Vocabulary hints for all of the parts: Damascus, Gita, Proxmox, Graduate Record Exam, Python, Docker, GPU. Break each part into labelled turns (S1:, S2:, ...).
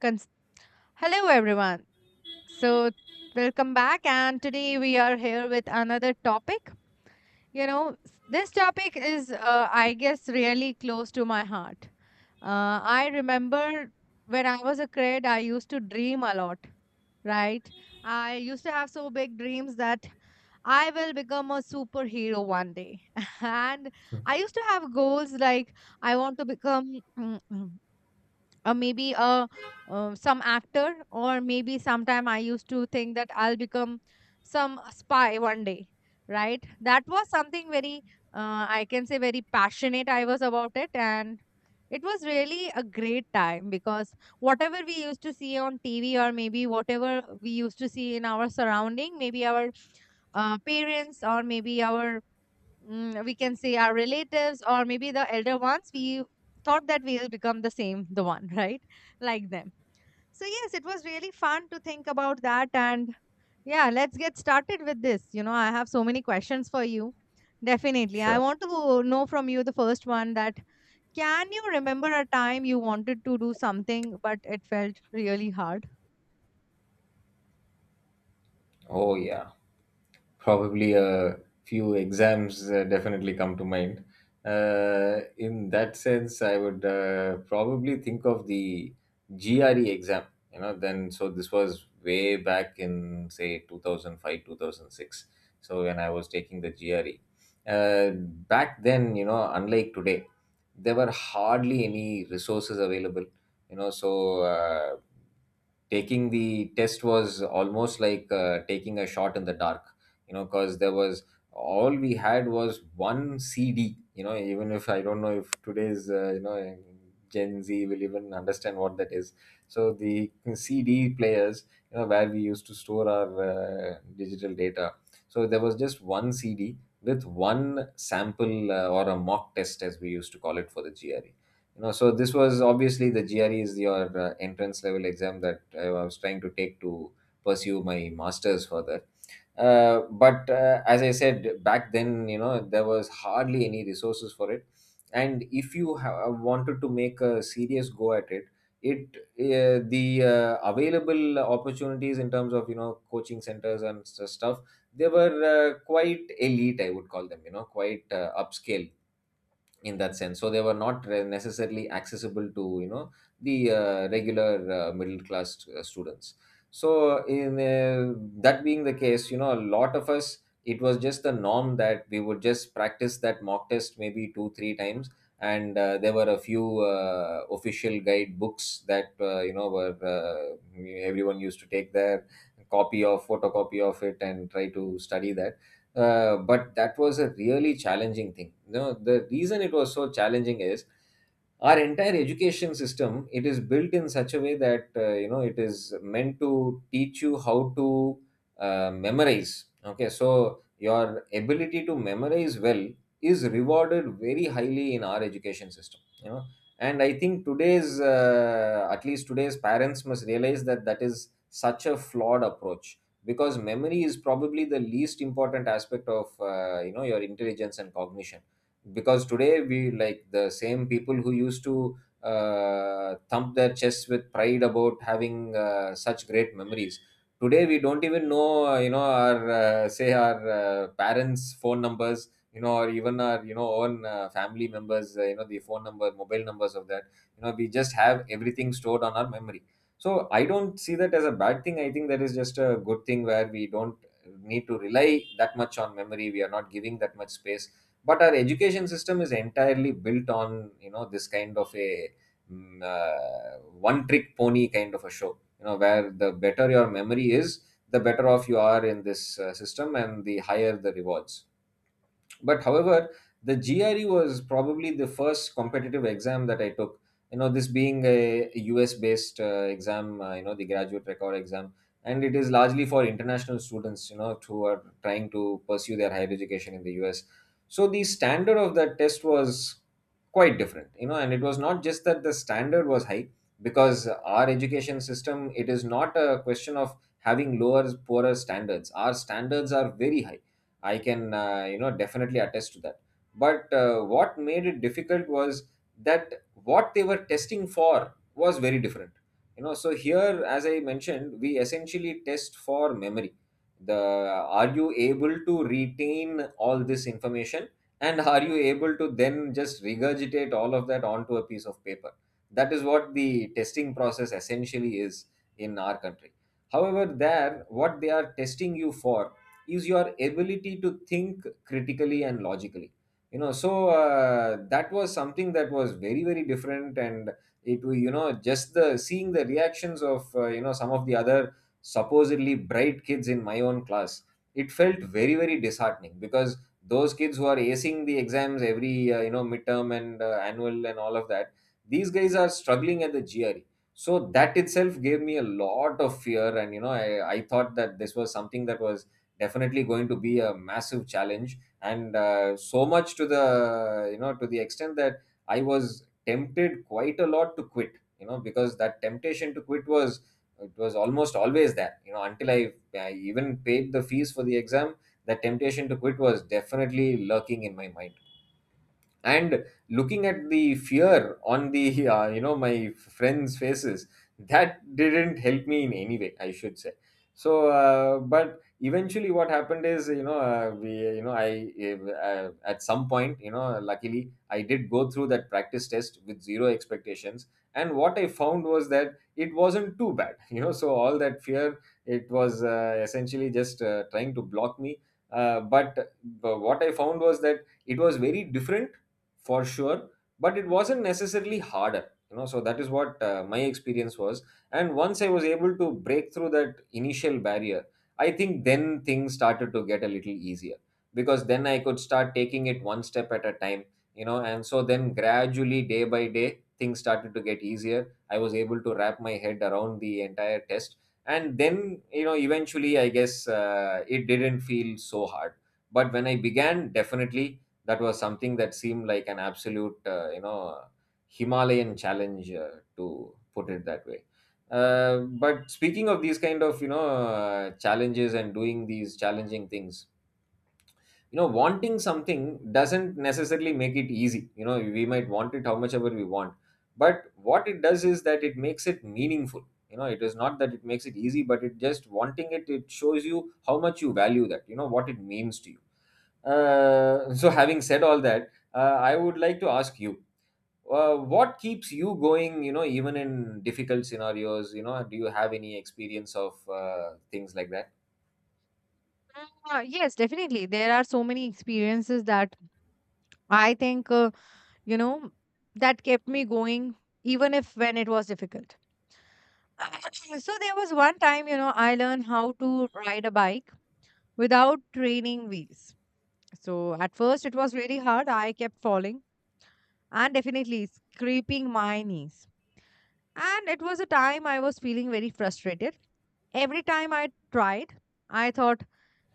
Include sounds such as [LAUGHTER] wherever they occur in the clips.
S1: Cons- Hello, everyone. So, Welcome back. And today we are here with another topic. This topic is, I guess, really close to my heart. I remember when I was a kid, I used to dream a lot, right? I used to have so big dreams that I will become a superhero one day. [LAUGHS] And I used to have goals like I want to become [CLEARS THROAT] or maybe a some actor, or maybe sometime I used to think that I'll become some spy one day, right? That was something very I can say very passionate I was about it. And it was really a great time, because whatever we used to see on TV, or maybe whatever we used to see in our surrounding, maybe our parents, or maybe our we can say our relatives, or maybe the elder ones, we thought that we'll become the same, the one, [LAUGHS] right? Like them. So yes, it was really fun to think about that. And yeah, let's get started with this. You know, I have so many questions for you. Definitely I
S2: Sure.
S1: want to know from you the first one that, can you remember a time you wanted to do something but it felt really hard?
S2: Oh, yeah. Probably a few exams definitely come to mind. In that sense, I would probably think of the GRE exam. You know, then so this was way back in, say, 2005, 2006. So when I was taking the GRE, back then, you know, unlike today, there were hardly any resources available. You know, so uh, Taking the test was almost like taking a shot in the dark, you know, because there was, all we had was one cd. You know, even if, I don't know if today's gen z will even understand what that is. So the cd players, you know, where we used to store our digital data. So there was just one cd with one sample, or a mock test as we used to call it, for the gre. You know, so this was obviously, the gre is your entrance level exam that I was trying to take to pursue my masters further. But As I said, back then, you know, there was hardly any resources for it. And if you wanted to make a serious go at it, it the available opportunities in terms of, you know, coaching centers and stuff, they were quite elite, I would call them, you know, quite upscale in that sense. So they were not necessarily accessible to, you know, the regular middle class students. So in That being the case, you know, a lot of us, it was just the norm that we would just practice that mock test maybe two three times. And there were a few official guide books that, were, everyone used to take their copy, of photocopy of it, and try to study that. But that was a really challenging thing. You know, the reason it was so challenging is our entire education system, it is built in such a way that, you know, it is meant to teach you how to memorize. Okay, so your ability to memorize well is rewarded very highly in our education system. You know, and I think today's at least today's parents must realize that that is such a flawed approach, because memory is probably the least important aspect of, you know, your intelligence and cognition. Because today, we, like the same people who used to thump their chests with pride about having such great memories, today we don't even know, our, say our parents' phone numbers, you know, or even our, you know, own family members, the phone number, mobile numbers of that. You know, we just have everything stored on our memory. So I don't see that as a bad thing. I think that is just a good thing, where we don't need to rely that much on memory. We are not giving that much space. But our education system is entirely built on, you know, this kind of a mm, uh, one trick pony kind of a show. You know, where the better your memory is, the better off you are in this system, and the higher the rewards. But however, the gre was probably the first competitive exam that I took. You know, this being a us based exam, the graduate record exam, and it is largely for international students, you know, who are trying to pursue their higher education in the us. So the standard of that test was quite different, you know, and it was not just that the standard was high, because our education system, it is not a question of having lower, poorer standards. Our standards are very high. I can, you know, definitely attest to that. But what made it difficult was that what they were testing for was very different. You know, so here, as I mentioned, we essentially test for memory. The, are you able to retain all this information, and are you able to then just regurgitate all of that onto a piece of paper? That is what the testing process essentially is in our country. However, there, what they are testing you for is your ability to think critically and logically. You know, so that was something that was very, very different. And you know, just the, seeing the reactions of, some of the other supposedly bright kids in my own class, it felt very, very disheartening, because those kids who are acing the exams every midterm and annual and all of that, these guys are struggling at the GRE. So that itself gave me a lot of fear. And, you know, I thought that this was something that was definitely going to be a massive challenge. And so much to the, you know, to the extent that I was tempted quite a lot to quit. You know, because that temptation to quit was, it was almost always there, you know, until I even paid the fees for the exam, that temptation to quit was definitely lurking in my mind. And looking at the fear on the [LAUGHS] you know, my friends' faces, that didn't help me in any way, I should say. But eventually what happened is, you know, we you know I at some point, you know, luckily I did go through that practice test with zero expectations. And what I found was that it wasn't too bad. [LAUGHS] You know, so all that fear, it was essentially just trying to block me. uh, but, but what I found was that it was very different, for sure, but it wasn't necessarily harder. You know, so that is what my experience was. And once I was able to break through that initial barrier, I think then things started to get a little easier, because then I could start taking it one step at a time. You know, and so then gradually, day by day, things started to get easier. I was able to wrap my head around the entire test, and then, you know, eventually I guess, it didn't feel so hard. But when I began, definitely that was something that seemed like an absolute, himalayan challenge, to put it that way. Uh, but speaking of these kind of, you know, challenges, and doing these challenging things, you know, wanting something doesn't necessarily make it easy. You know, we might want it how much ever we want, but what it does is that it makes it meaningful. You know, it is not that it makes it easy, but it, just wanting it, it shows you how much you value that, you know, what it means to you. [LAUGHS] So having said all that, I would like to ask you, what keeps you going, you know, even in difficult scenarios? You know, do you have any experience of things like that?
S1: Yes, definitely there are so many experiences that I think, you know, that kept me going even if when it was difficult. [CLEARS THROAT] So there was one time, you know, I learned how to ride a bike without training wheels. So at first it was really hard. I kept falling and definitely scraping my knees. And it was a time I was feeling very frustrated. Every time I tried, I thought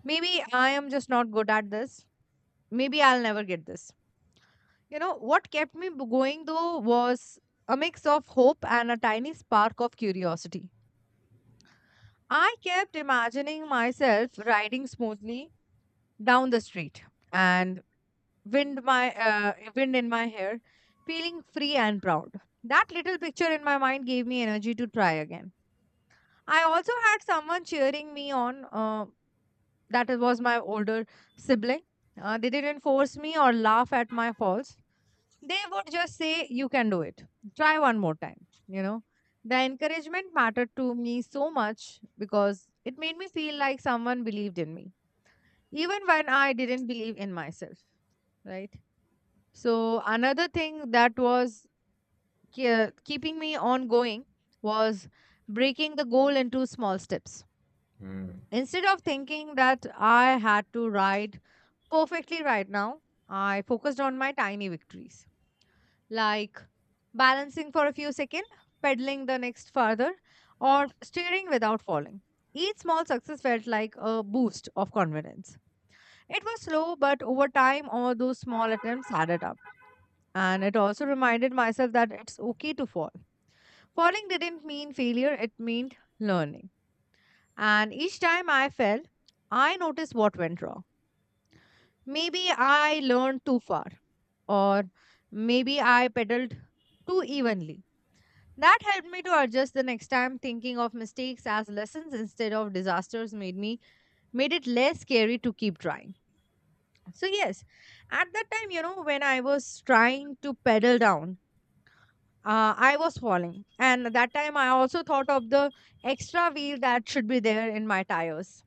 S1: maybe I am just not good at this. Maybe I'll never get this. You know, what kept me going though was a mix of hope and a tiny spark of curiosity. I kept imagining myself riding smoothly down the street, and wind in my hair, feeling free and proud. That little picture in my mind gave me energy to try again. I also had someone cheering me on. That was my older sibling. They didn't force me or laugh at my faults. They would just say, you can do it, try one more time, you know. The encouragement mattered to me so much because it made me feel like someone believed in me even when I didn't believe in myself, right? So another thing that was keeping me on going was breaking the goal into small steps.
S2: Hmm.
S1: Instead of thinking that I had to ride perfectly right now, I focused on my tiny victories, like balancing for a few seconds, pedaling the next farther, or steering without falling. Each small success felt like a boost of confidence. It was slow, but over time, all those small attempts added up. And it also reminded myself that it's okay to fall. Falling didn't mean failure, it meant learning. And each time I fell, I noticed what went wrong. Maybe I learned too far, or maybe I pedaled too evenly. That helped me to adjust the next time. Thinking of mistakes as lessons instead of disasters made it less scary to keep trying. So yes, at that time, you know, when I was trying to pedal down, I was falling. And at that time I also thought of the extra wheel that should be there in my tires.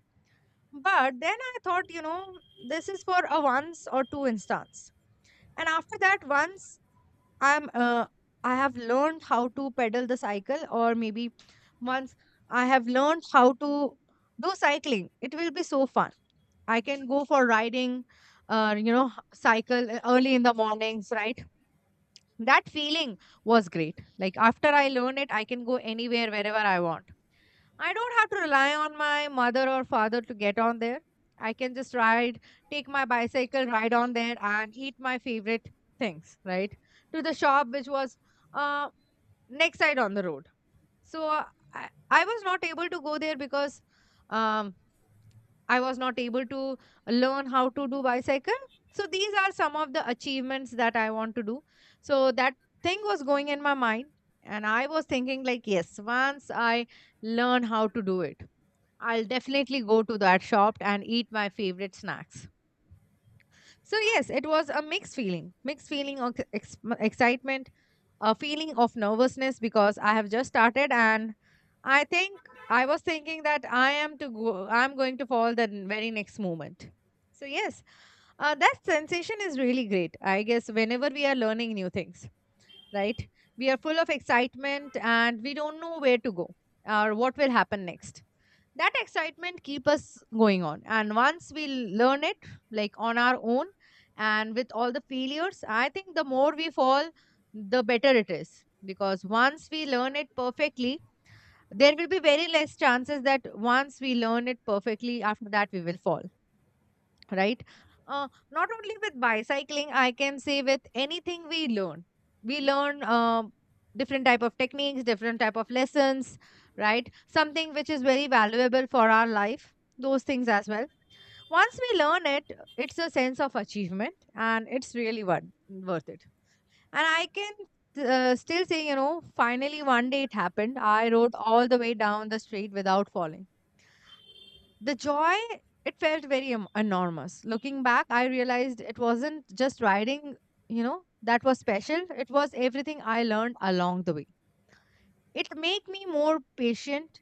S1: But then I thought, you know, this is for a once or two instance. And after that, once I'm uh, I have learned how to pedal the cycle, or maybe once I have learned how to do cycling, it will be so fun. I can go for riding cycle early in the mornings, right? That feeling was great. Like after I learned it, I can go anywhere wherever I want. I don't have to rely on my mother or father to get on there. I can just ride, take my bicycle, ride on there, and eat my favorite things, right? To the shop, which was uh, next side on the road. So I was not able to go there because um, I was not able to learn how to do bicycle. So these are some of the achievements that I want to do. So that thing was going in my mind, and I was thinking like, yes, once I learn how to do it, I'll definitely go to that shop and eat my favorite snacks. So yes, it was a mixed feeling of excitement, a feeling of nervousness because I have just started, and I think I was thinking that I'm going to fall the very next moment. So yes, that sensation is really great. I guess whenever we are learning new things, right? We are full of excitement and we don't know where to go or what will happen next. That excitement keep us going on, and once we learn it, like on our own, and with all the failures, I think the more we fall, the better it is. Because once we learn it perfectly, there will be very less chances that once we learn it perfectly, after that we will fall, right? Not only with bicycling, I can say with anything we learn. We learn different type of techniques, different type of lessons, right? Something which is very valuable for our life. Those things as well. Once we learn it, it's a sense of achievement, and it's really worth it. And I can still say, you know, finally one day it happened. I rode all the way down the street without falling. The joy, it felt very enormous. Looking back, I realized it wasn't just riding, you know, that was special. It was everything I learned along the way. It made me more patient,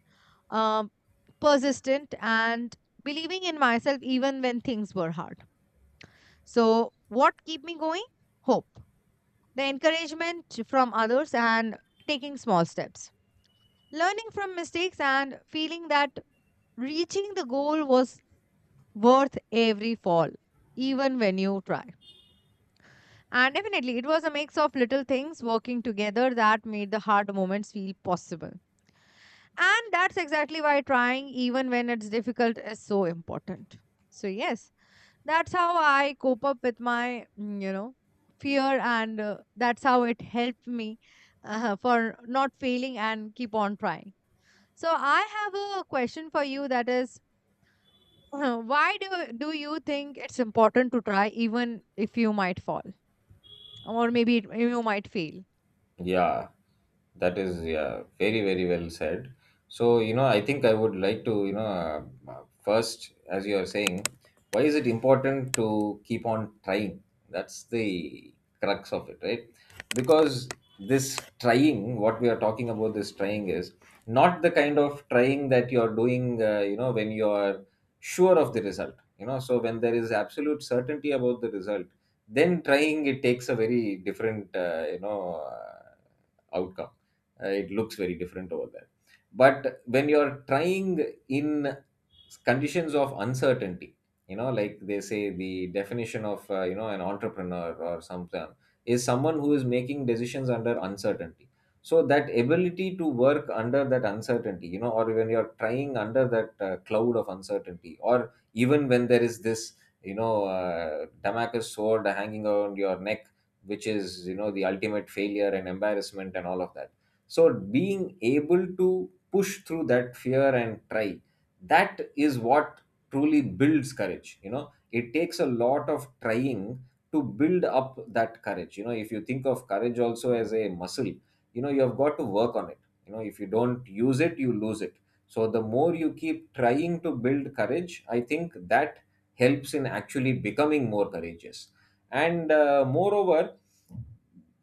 S1: um, persistent, and believing in myself even when things were hard. So, what keep me going? Hope. The encouragement from others, and taking small steps. Learning from mistakes, and feeling that reaching the goal was worth every fall, even when you try. And definitely, it was a mix of little things working together that made the hard moments feel possible. And that's exactly why trying, even when it's difficult, is so important. So, yes, that's how I cope up with my, you know, fear, and that's how it helped me for not failing and keep on trying. So, I have a question for you, that is, [LAUGHS] Why do you think it's important to try even if you might fall, or maybe you might fail?
S2: Yeah, that is, yeah, very, very well said. So, you know, I think I would like to, you know, first, as you are saying, why is it important to keep on trying? That's the crux of it, right? Because this trying, what we are talking about, this trying is not the kind of trying that you are doing you know, when you are sure of the result. You know, so when there is absolute certainty about the result, then trying, it takes a very different, outcome. It looks very different over there. But when you're trying in conditions of uncertainty, you know, like they say, the definition of, an entrepreneur or something, is someone who is making decisions under uncertainty. So that ability to work under that uncertainty, you know, or when you're trying under that cloud of uncertainty, or even when there is this, you know, Damascus sword hanging around your neck, which is, you know, the ultimate failure and embarrassment and all of that. So being able to push through that fear and try, that is what truly builds courage. You know, it takes a lot of trying to build up that courage. You know, if you think of courage also as a muscle, you know, you have got to work on it. You know, if you don't use it, you lose it. So the more you keep trying to build courage, I think that helps in actually becoming more courageous, and moreover,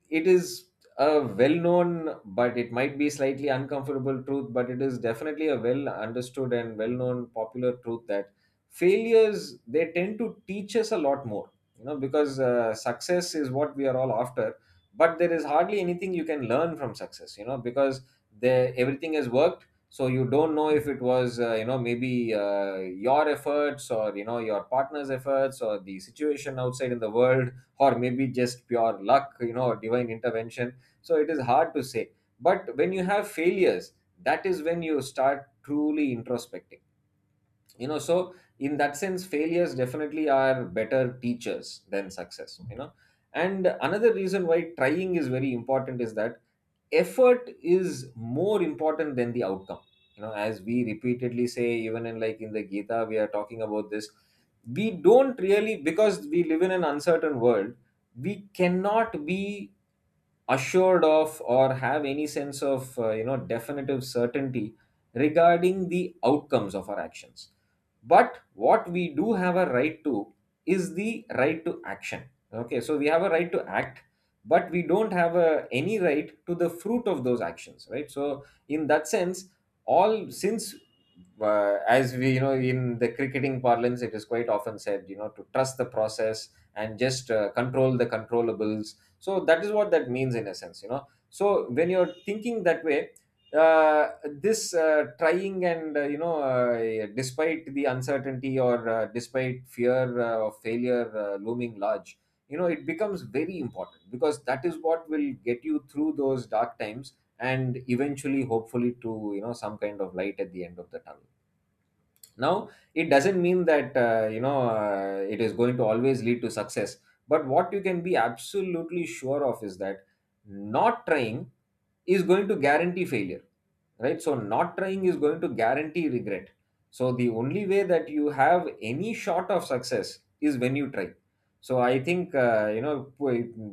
S2: it is a well known, but it might be slightly uncomfortable, truth. But it is definitely a well understood and well known popular truth that failures, they tend to teach us a lot more, because success is what we are all after. But there is hardly anything you can learn from success, because the everything has worked, so you don't know if it was, maybe your efforts, or your partner's efforts, or the situation outside in the world, or maybe just pure luck, divine intervention. So it is hard to say. But when you have failures, that is when you start truly introspecting. So in that sense, failures definitely are better teachers than success. And another reason why trying is very important is that effort is more important than the outcome, as we repeatedly say. Even, in like in the Gita, we are talking about this. We don't really, because we live in an uncertain world, we cannot be assured of or have any sense of definitive certainty regarding the outcomes of our actions. But what we do have a right to is the right to action. Okay, so we have a right to act, but we don't have any right to the fruit of those actions, right? So in that sense, all since as we, in the cricketing parlance, it is quite often said, to trust the process, and just control the controllables. So that is what that means, in a sense. So when you're thinking that way, uh, this trying and despite the uncertainty, or despite fear of failure looming large, it becomes very important, because that is what will get you through those dark times and eventually, hopefully, to some kind of light at the end of the tunnel. Now, it doesn't mean that it is going to always lead to success, but what you can be absolutely sure of is that not trying is going to guarantee failure. Right, so not trying is going to guarantee regret. So the only way that you have any shot of success is when you try. So I think,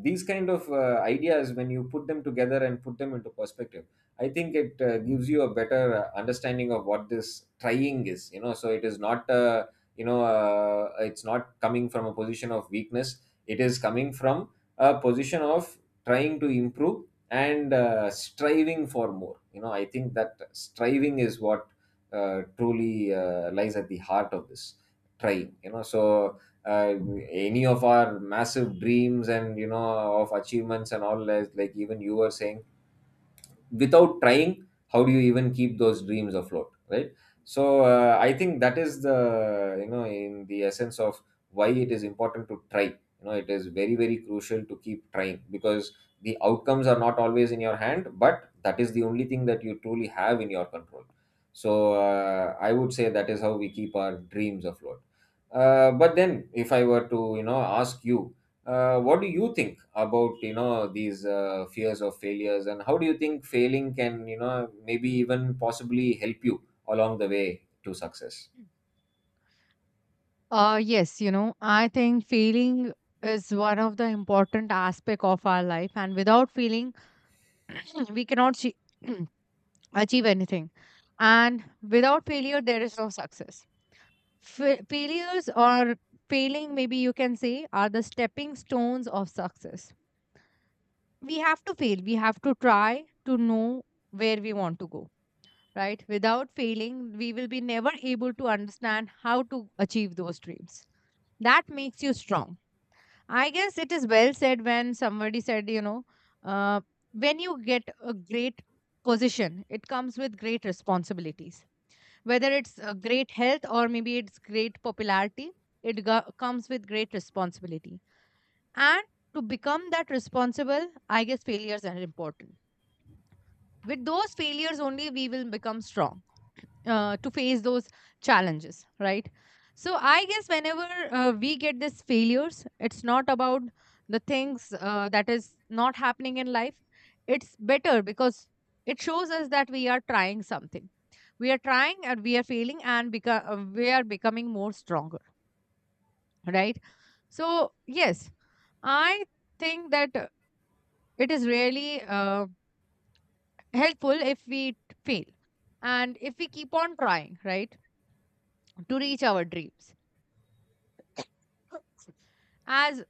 S2: these kind of ideas, when you put them together and put them into perspective, I think it gives you a better understanding of what this trying is. So it is not, it's not coming from a position of weakness. It is coming from a position of trying to improve and striving for more. You know, I think that striving is what truly lies at the heart of this trying. So uh, any of our massive dreams and, you know, of achievements and all, like even you were saying, without trying, how do you even keep those dreams afloat, right? So I think that is the, you know, in the essence of why it is important to try. It is very, very crucial to keep trying, because the outcomes are not always in your hand, but that is the only thing that you truly have in your control. So I would say that is how we keep our dreams afloat. But then, if I were to, you know, ask you, what do you think about, you know, these fears of failures, and how do you think failing can, you know, maybe even possibly help you along the way to success?
S1: Uh, yes, you know, I think feeling is one of the important aspect of our life, and without feeling [CLEARS THROAT] we cannot [CLEARS THROAT] achieve anything. And without failure, there is no success. Failures, or failing, maybe you can say, are the stepping stones of success. We have to fail, we have to try, to know where we want to go, right? Without failing, we will be never able to understand how to achieve those dreams. That makes you strong. I guess it is well said when somebody said, you know, uh, when you get a great position, it comes with great responsibilities. Whether it's great health, or maybe it's great popularity, it comes with great responsibility. And to become that responsible, I guess failures are important. With those failures only we will become strong to face those challenges, right? So I guess whenever we get these failures, it's not about the things that is not happening in life. It's better, because it shows us that we are trying something. We are trying and we are failing, and we are becoming more stronger, right? So yes, I think that it is really uh, helpful if we fail and if we keep on trying, right? To reach our dreams, as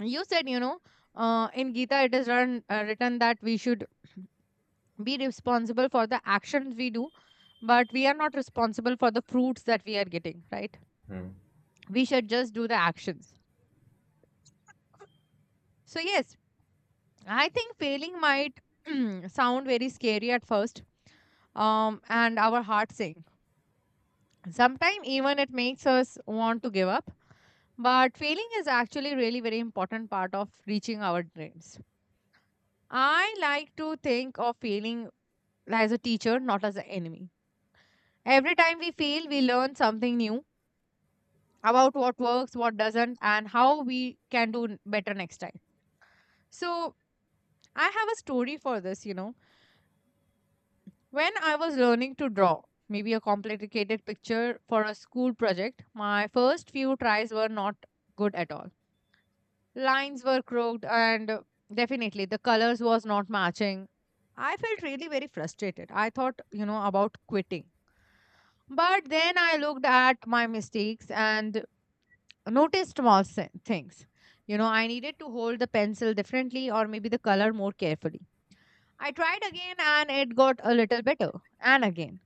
S1: you said, you know, in Gita it is written, that we should be responsible for the actions we do, but we are not responsible for the fruits that we are getting, right?
S2: Hmm.
S1: We should just do the actions. So yes, I think failing might [CLEARS THROAT] sound very scary at first, and our heart sing sometimes, even it makes us want to give up. But failing is actually really very important part of reaching our dreams. I like to think of failing as a teacher, not as an enemy. Every time we fail, we learn something new about what works, what doesn't, and how we can do better next time. So I have a story for this, you know. When I was learning to draw, maybe a complicated picture for a school project, my first few tries were not good at all. Lines were crooked and definitely the colors was not matching. I felt really very frustrated. I thought about quitting, but then I looked at my mistakes and noticed things. You know, I needed to hold the pencil differently or maybe the color more carefully. I tried again and it got a little better, and again.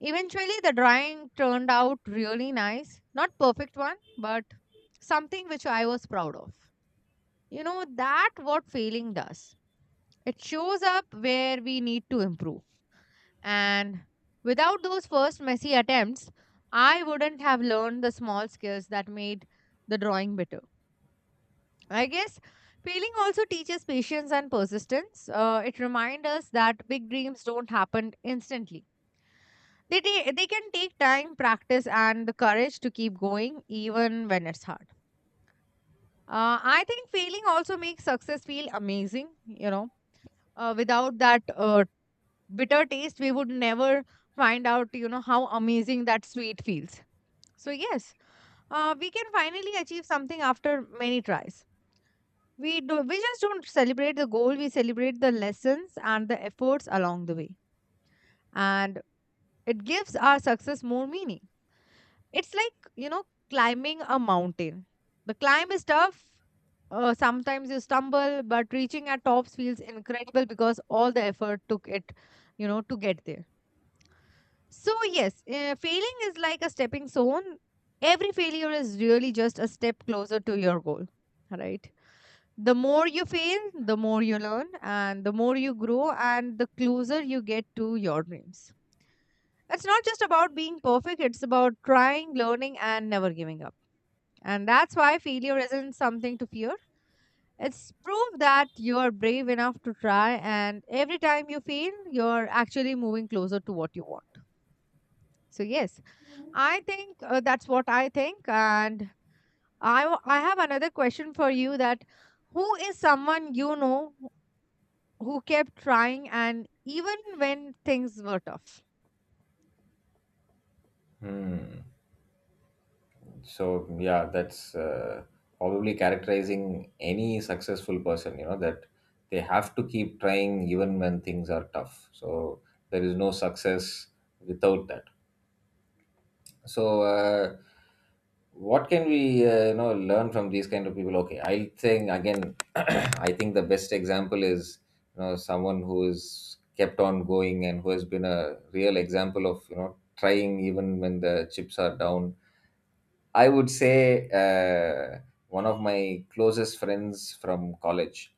S1: Eventually the drawing turned out really nice, not perfect one, but something which I was proud of. You know that what failing does. It shows up where we need to improve. And without those first messy attempts, I wouldn't have learned the small skills that made the drawing better. I guess failing also teaches patience and persistence. It reminds us that big dreams don't happen instantly. They can take time, practice, and the courage to keep going even when it's hard. I think failing also makes success feel amazing. Without that bitter taste, we would never find out, how amazing that sweet feels. So, yes, we can finally achieve something after many tries. We do, we just don't celebrate the goal, we celebrate the lessons and the efforts along the way. And it gives our success more meaning. It's like, climbing a mountain. The climb is tough. Sometimes you stumble, but reaching at tops feels incredible because all the effort took it, to get there. So, yes, failing is like a stepping stone. Every failure is really just a step closer to your goal, right? The more you fail, the more you learn, and the more you grow, and the closer you get to your dreams. It's not just about being perfect, it's about trying, learning, and never giving up. And that's why failure isn't something to fear. It's proof that you are brave enough to try, and every time you fail, you're actually moving closer to what you want. So, yes. I think that's what I think. And I have another question for you. That who is someone you know who kept trying and even when things were tough?
S2: Hmm. So yeah, that's probably characterizing any successful person, you know, that they have to keep trying even when things are tough. So there is no success without that. So what can we learn from these kind of people? Okay, I'll think again. [CLEARS THROAT] I think the best example is, you know, someone who is kept on going and who has been a real example of, you know, trying even when the chips are down. I would say one of my closest friends from college.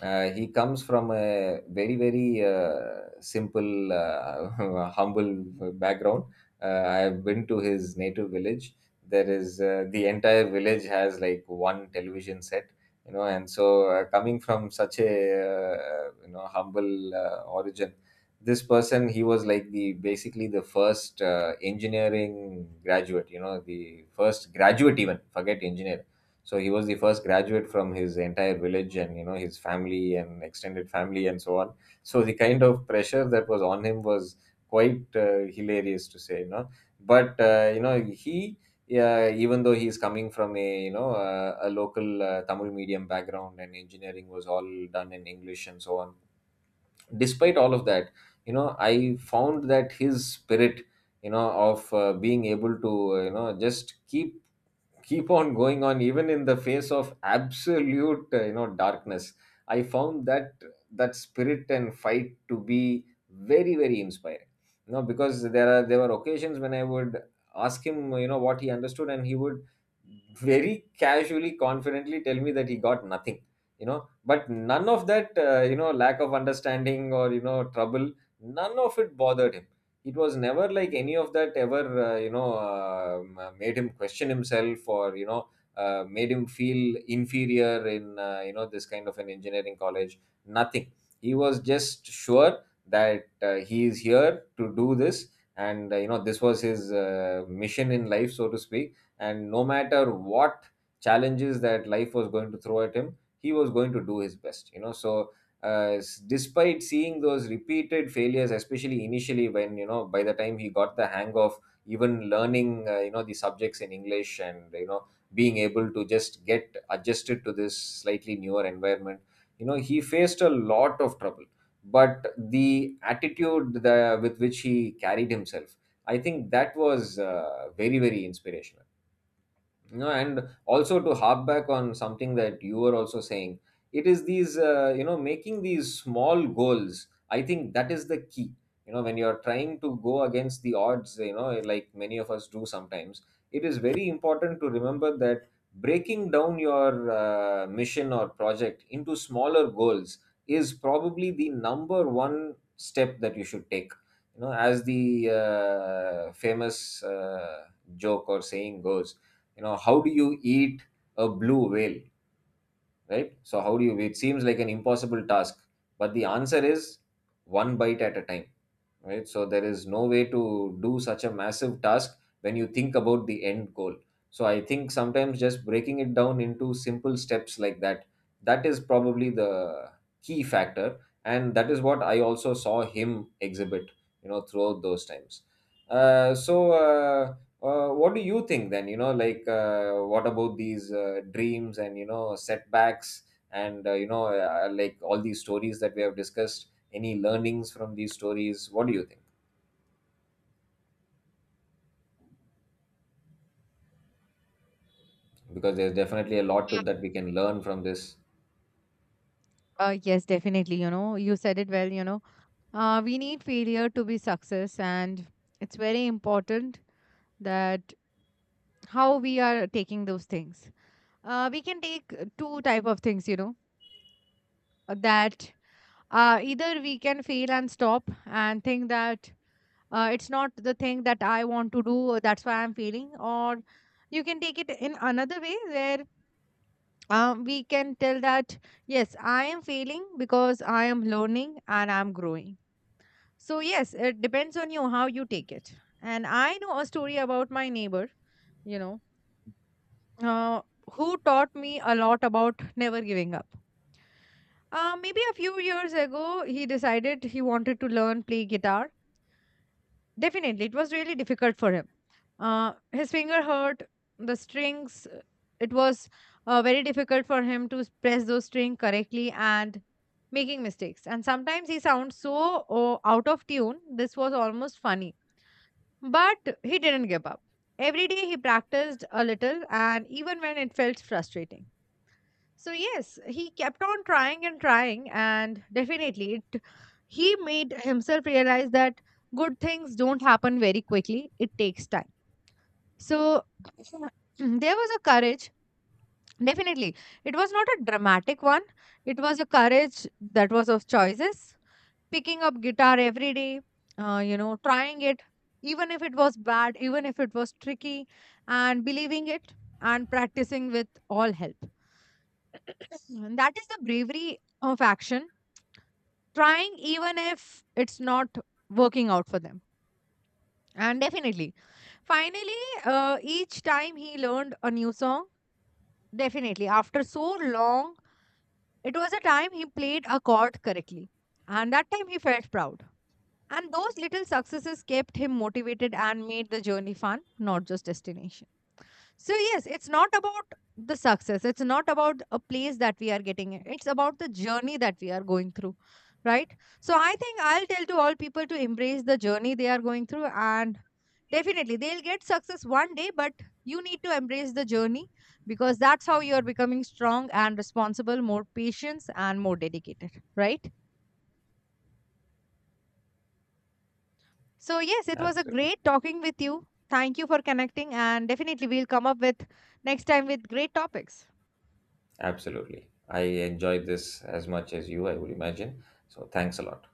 S2: He comes from a very, very simple, [LAUGHS] humble background. I have been to his native village. There is the entire village has like one television set, you know. And so coming from such a, humble origin, this person, he was like the basically the first engineering graduate. You know, the first graduate, even forget engineer. So he was the first graduate from his entire village, and, you know, his family and extended family and so on. So the kind of pressure that was on him was quite hilarious to say, you know. But he, yeah, even though he's coming from a, you know, a local Tamil medium background, and engineering was all done in English and so on, despite all of that, you know, I found that his spirit, you know, of being able to just keep on going on even in the face of absolute, darkness. I found that that spirit and fight to be very, very inspiring. You know, because there were occasions when I would ask him, you know, what he understood, and he would very casually, confidently tell me that he got nothing. You know, but none of that lack of understanding or, you know, trouble, none of it bothered him. It was never like any of that ever made him question himself, or, you know, made him feel inferior in, this kind of an engineering college. Nothing. He was just sure that he is here to do this. And you know, this was his mission in life, so to speak, and no matter what challenges that life was going to throw at him, he was going to do his best, you know. So despite seeing those repeated failures, especially initially, when, you know, by the time he got the hang of even learning, you know, the subjects in English, and, you know, being able to just get adjusted to this slightly newer environment, you know, he faced a lot of trouble. But the attitude, with which he carried himself, I think that was very, very inspirational. You know, and also to harp back on something that you were also saying, it is these making these small goals, I think that is the key. You know, when you're trying to go against the odds, you know, like many of us do sometimes, it is very important to remember that breaking down your mission or project into smaller goals is probably the number one step that you should take. You know, as the famous joke or saying goes, you know, how do you eat a blue whale? Right, so how do you, it seems like an impossible task, but the answer is one bite at a time, right? So there is no way to do such a massive task when you think about the end goal. So I think sometimes just breaking it down into simple steps like that, that is probably the key factor. And that is what I also saw him exhibit, you know, throughout those times. Uh, so, uh, what do you think then? You know, like, what about these dreams and, you know, setbacks, and, you know, like all these stories that we have discussed? Any learnings from these stories? What do you think? Because there's definitely a lot to, that we can learn from this.
S1: Yes, definitely. You know, you said it well. You know, we need failure to be success, and it's very important that how we are taking those things. We can take two type of things. You know, that either we can fail and stop and think that it's not the thing that I want to do, or that's why I'm feeling. Or you can take it in another way where we can tell that, yes, I am failing because I am learning and I'm growing. So, yes, it depends on you how you take it. And I know a story about my neighbor, you know, uh, who taught me a lot about never giving up. Maybe a few years ago, he decided he wanted to learn play guitar. Definitely, it was really difficult for him. His finger hurt, the strings, it was very difficult for him to press those strings correctly, and making mistakes. And sometimes he sounds so, oh, out of tune, this was almost funny. But he didn't give up. Every day he practiced a little, and even when it felt frustrating. So yes, he kept on trying and trying, and definitely it, he made himself realize that good things don't happen very quickly. It takes time. So [CLEARS THROAT] there was a courage. Definitely. It was not a dramatic one. It was a courage that was of choices. Picking up guitar every day, trying it, even if it was bad, even if it was tricky, and believing it and practicing with all help. And that is the bravery of action, trying even if it's not working out for them. And definitely, finally, each time he learned a new song, definitely after so long, it was a time he played a chord correctly, and that time he felt proud. And those little successes kept him motivated and made the journey fun, not just destination. So, yes, it's not about the success. It's not about a place that we are getting in. It's about the journey that we are going through, right? So, I think I'll tell to all people to embrace the journey they are going through, and definitely they'll get success one day, but you need to embrace the journey, because that's how you're becoming strong and responsible, more patience and more dedicated, right? So, yes, it was a
S2: Absolutely.
S1: great talking with you. Thank you for connecting, and definitely we'll come up with next time with great topics.
S2: Absolutely. I enjoyed this as much as you, I would imagine. So thanks a lot.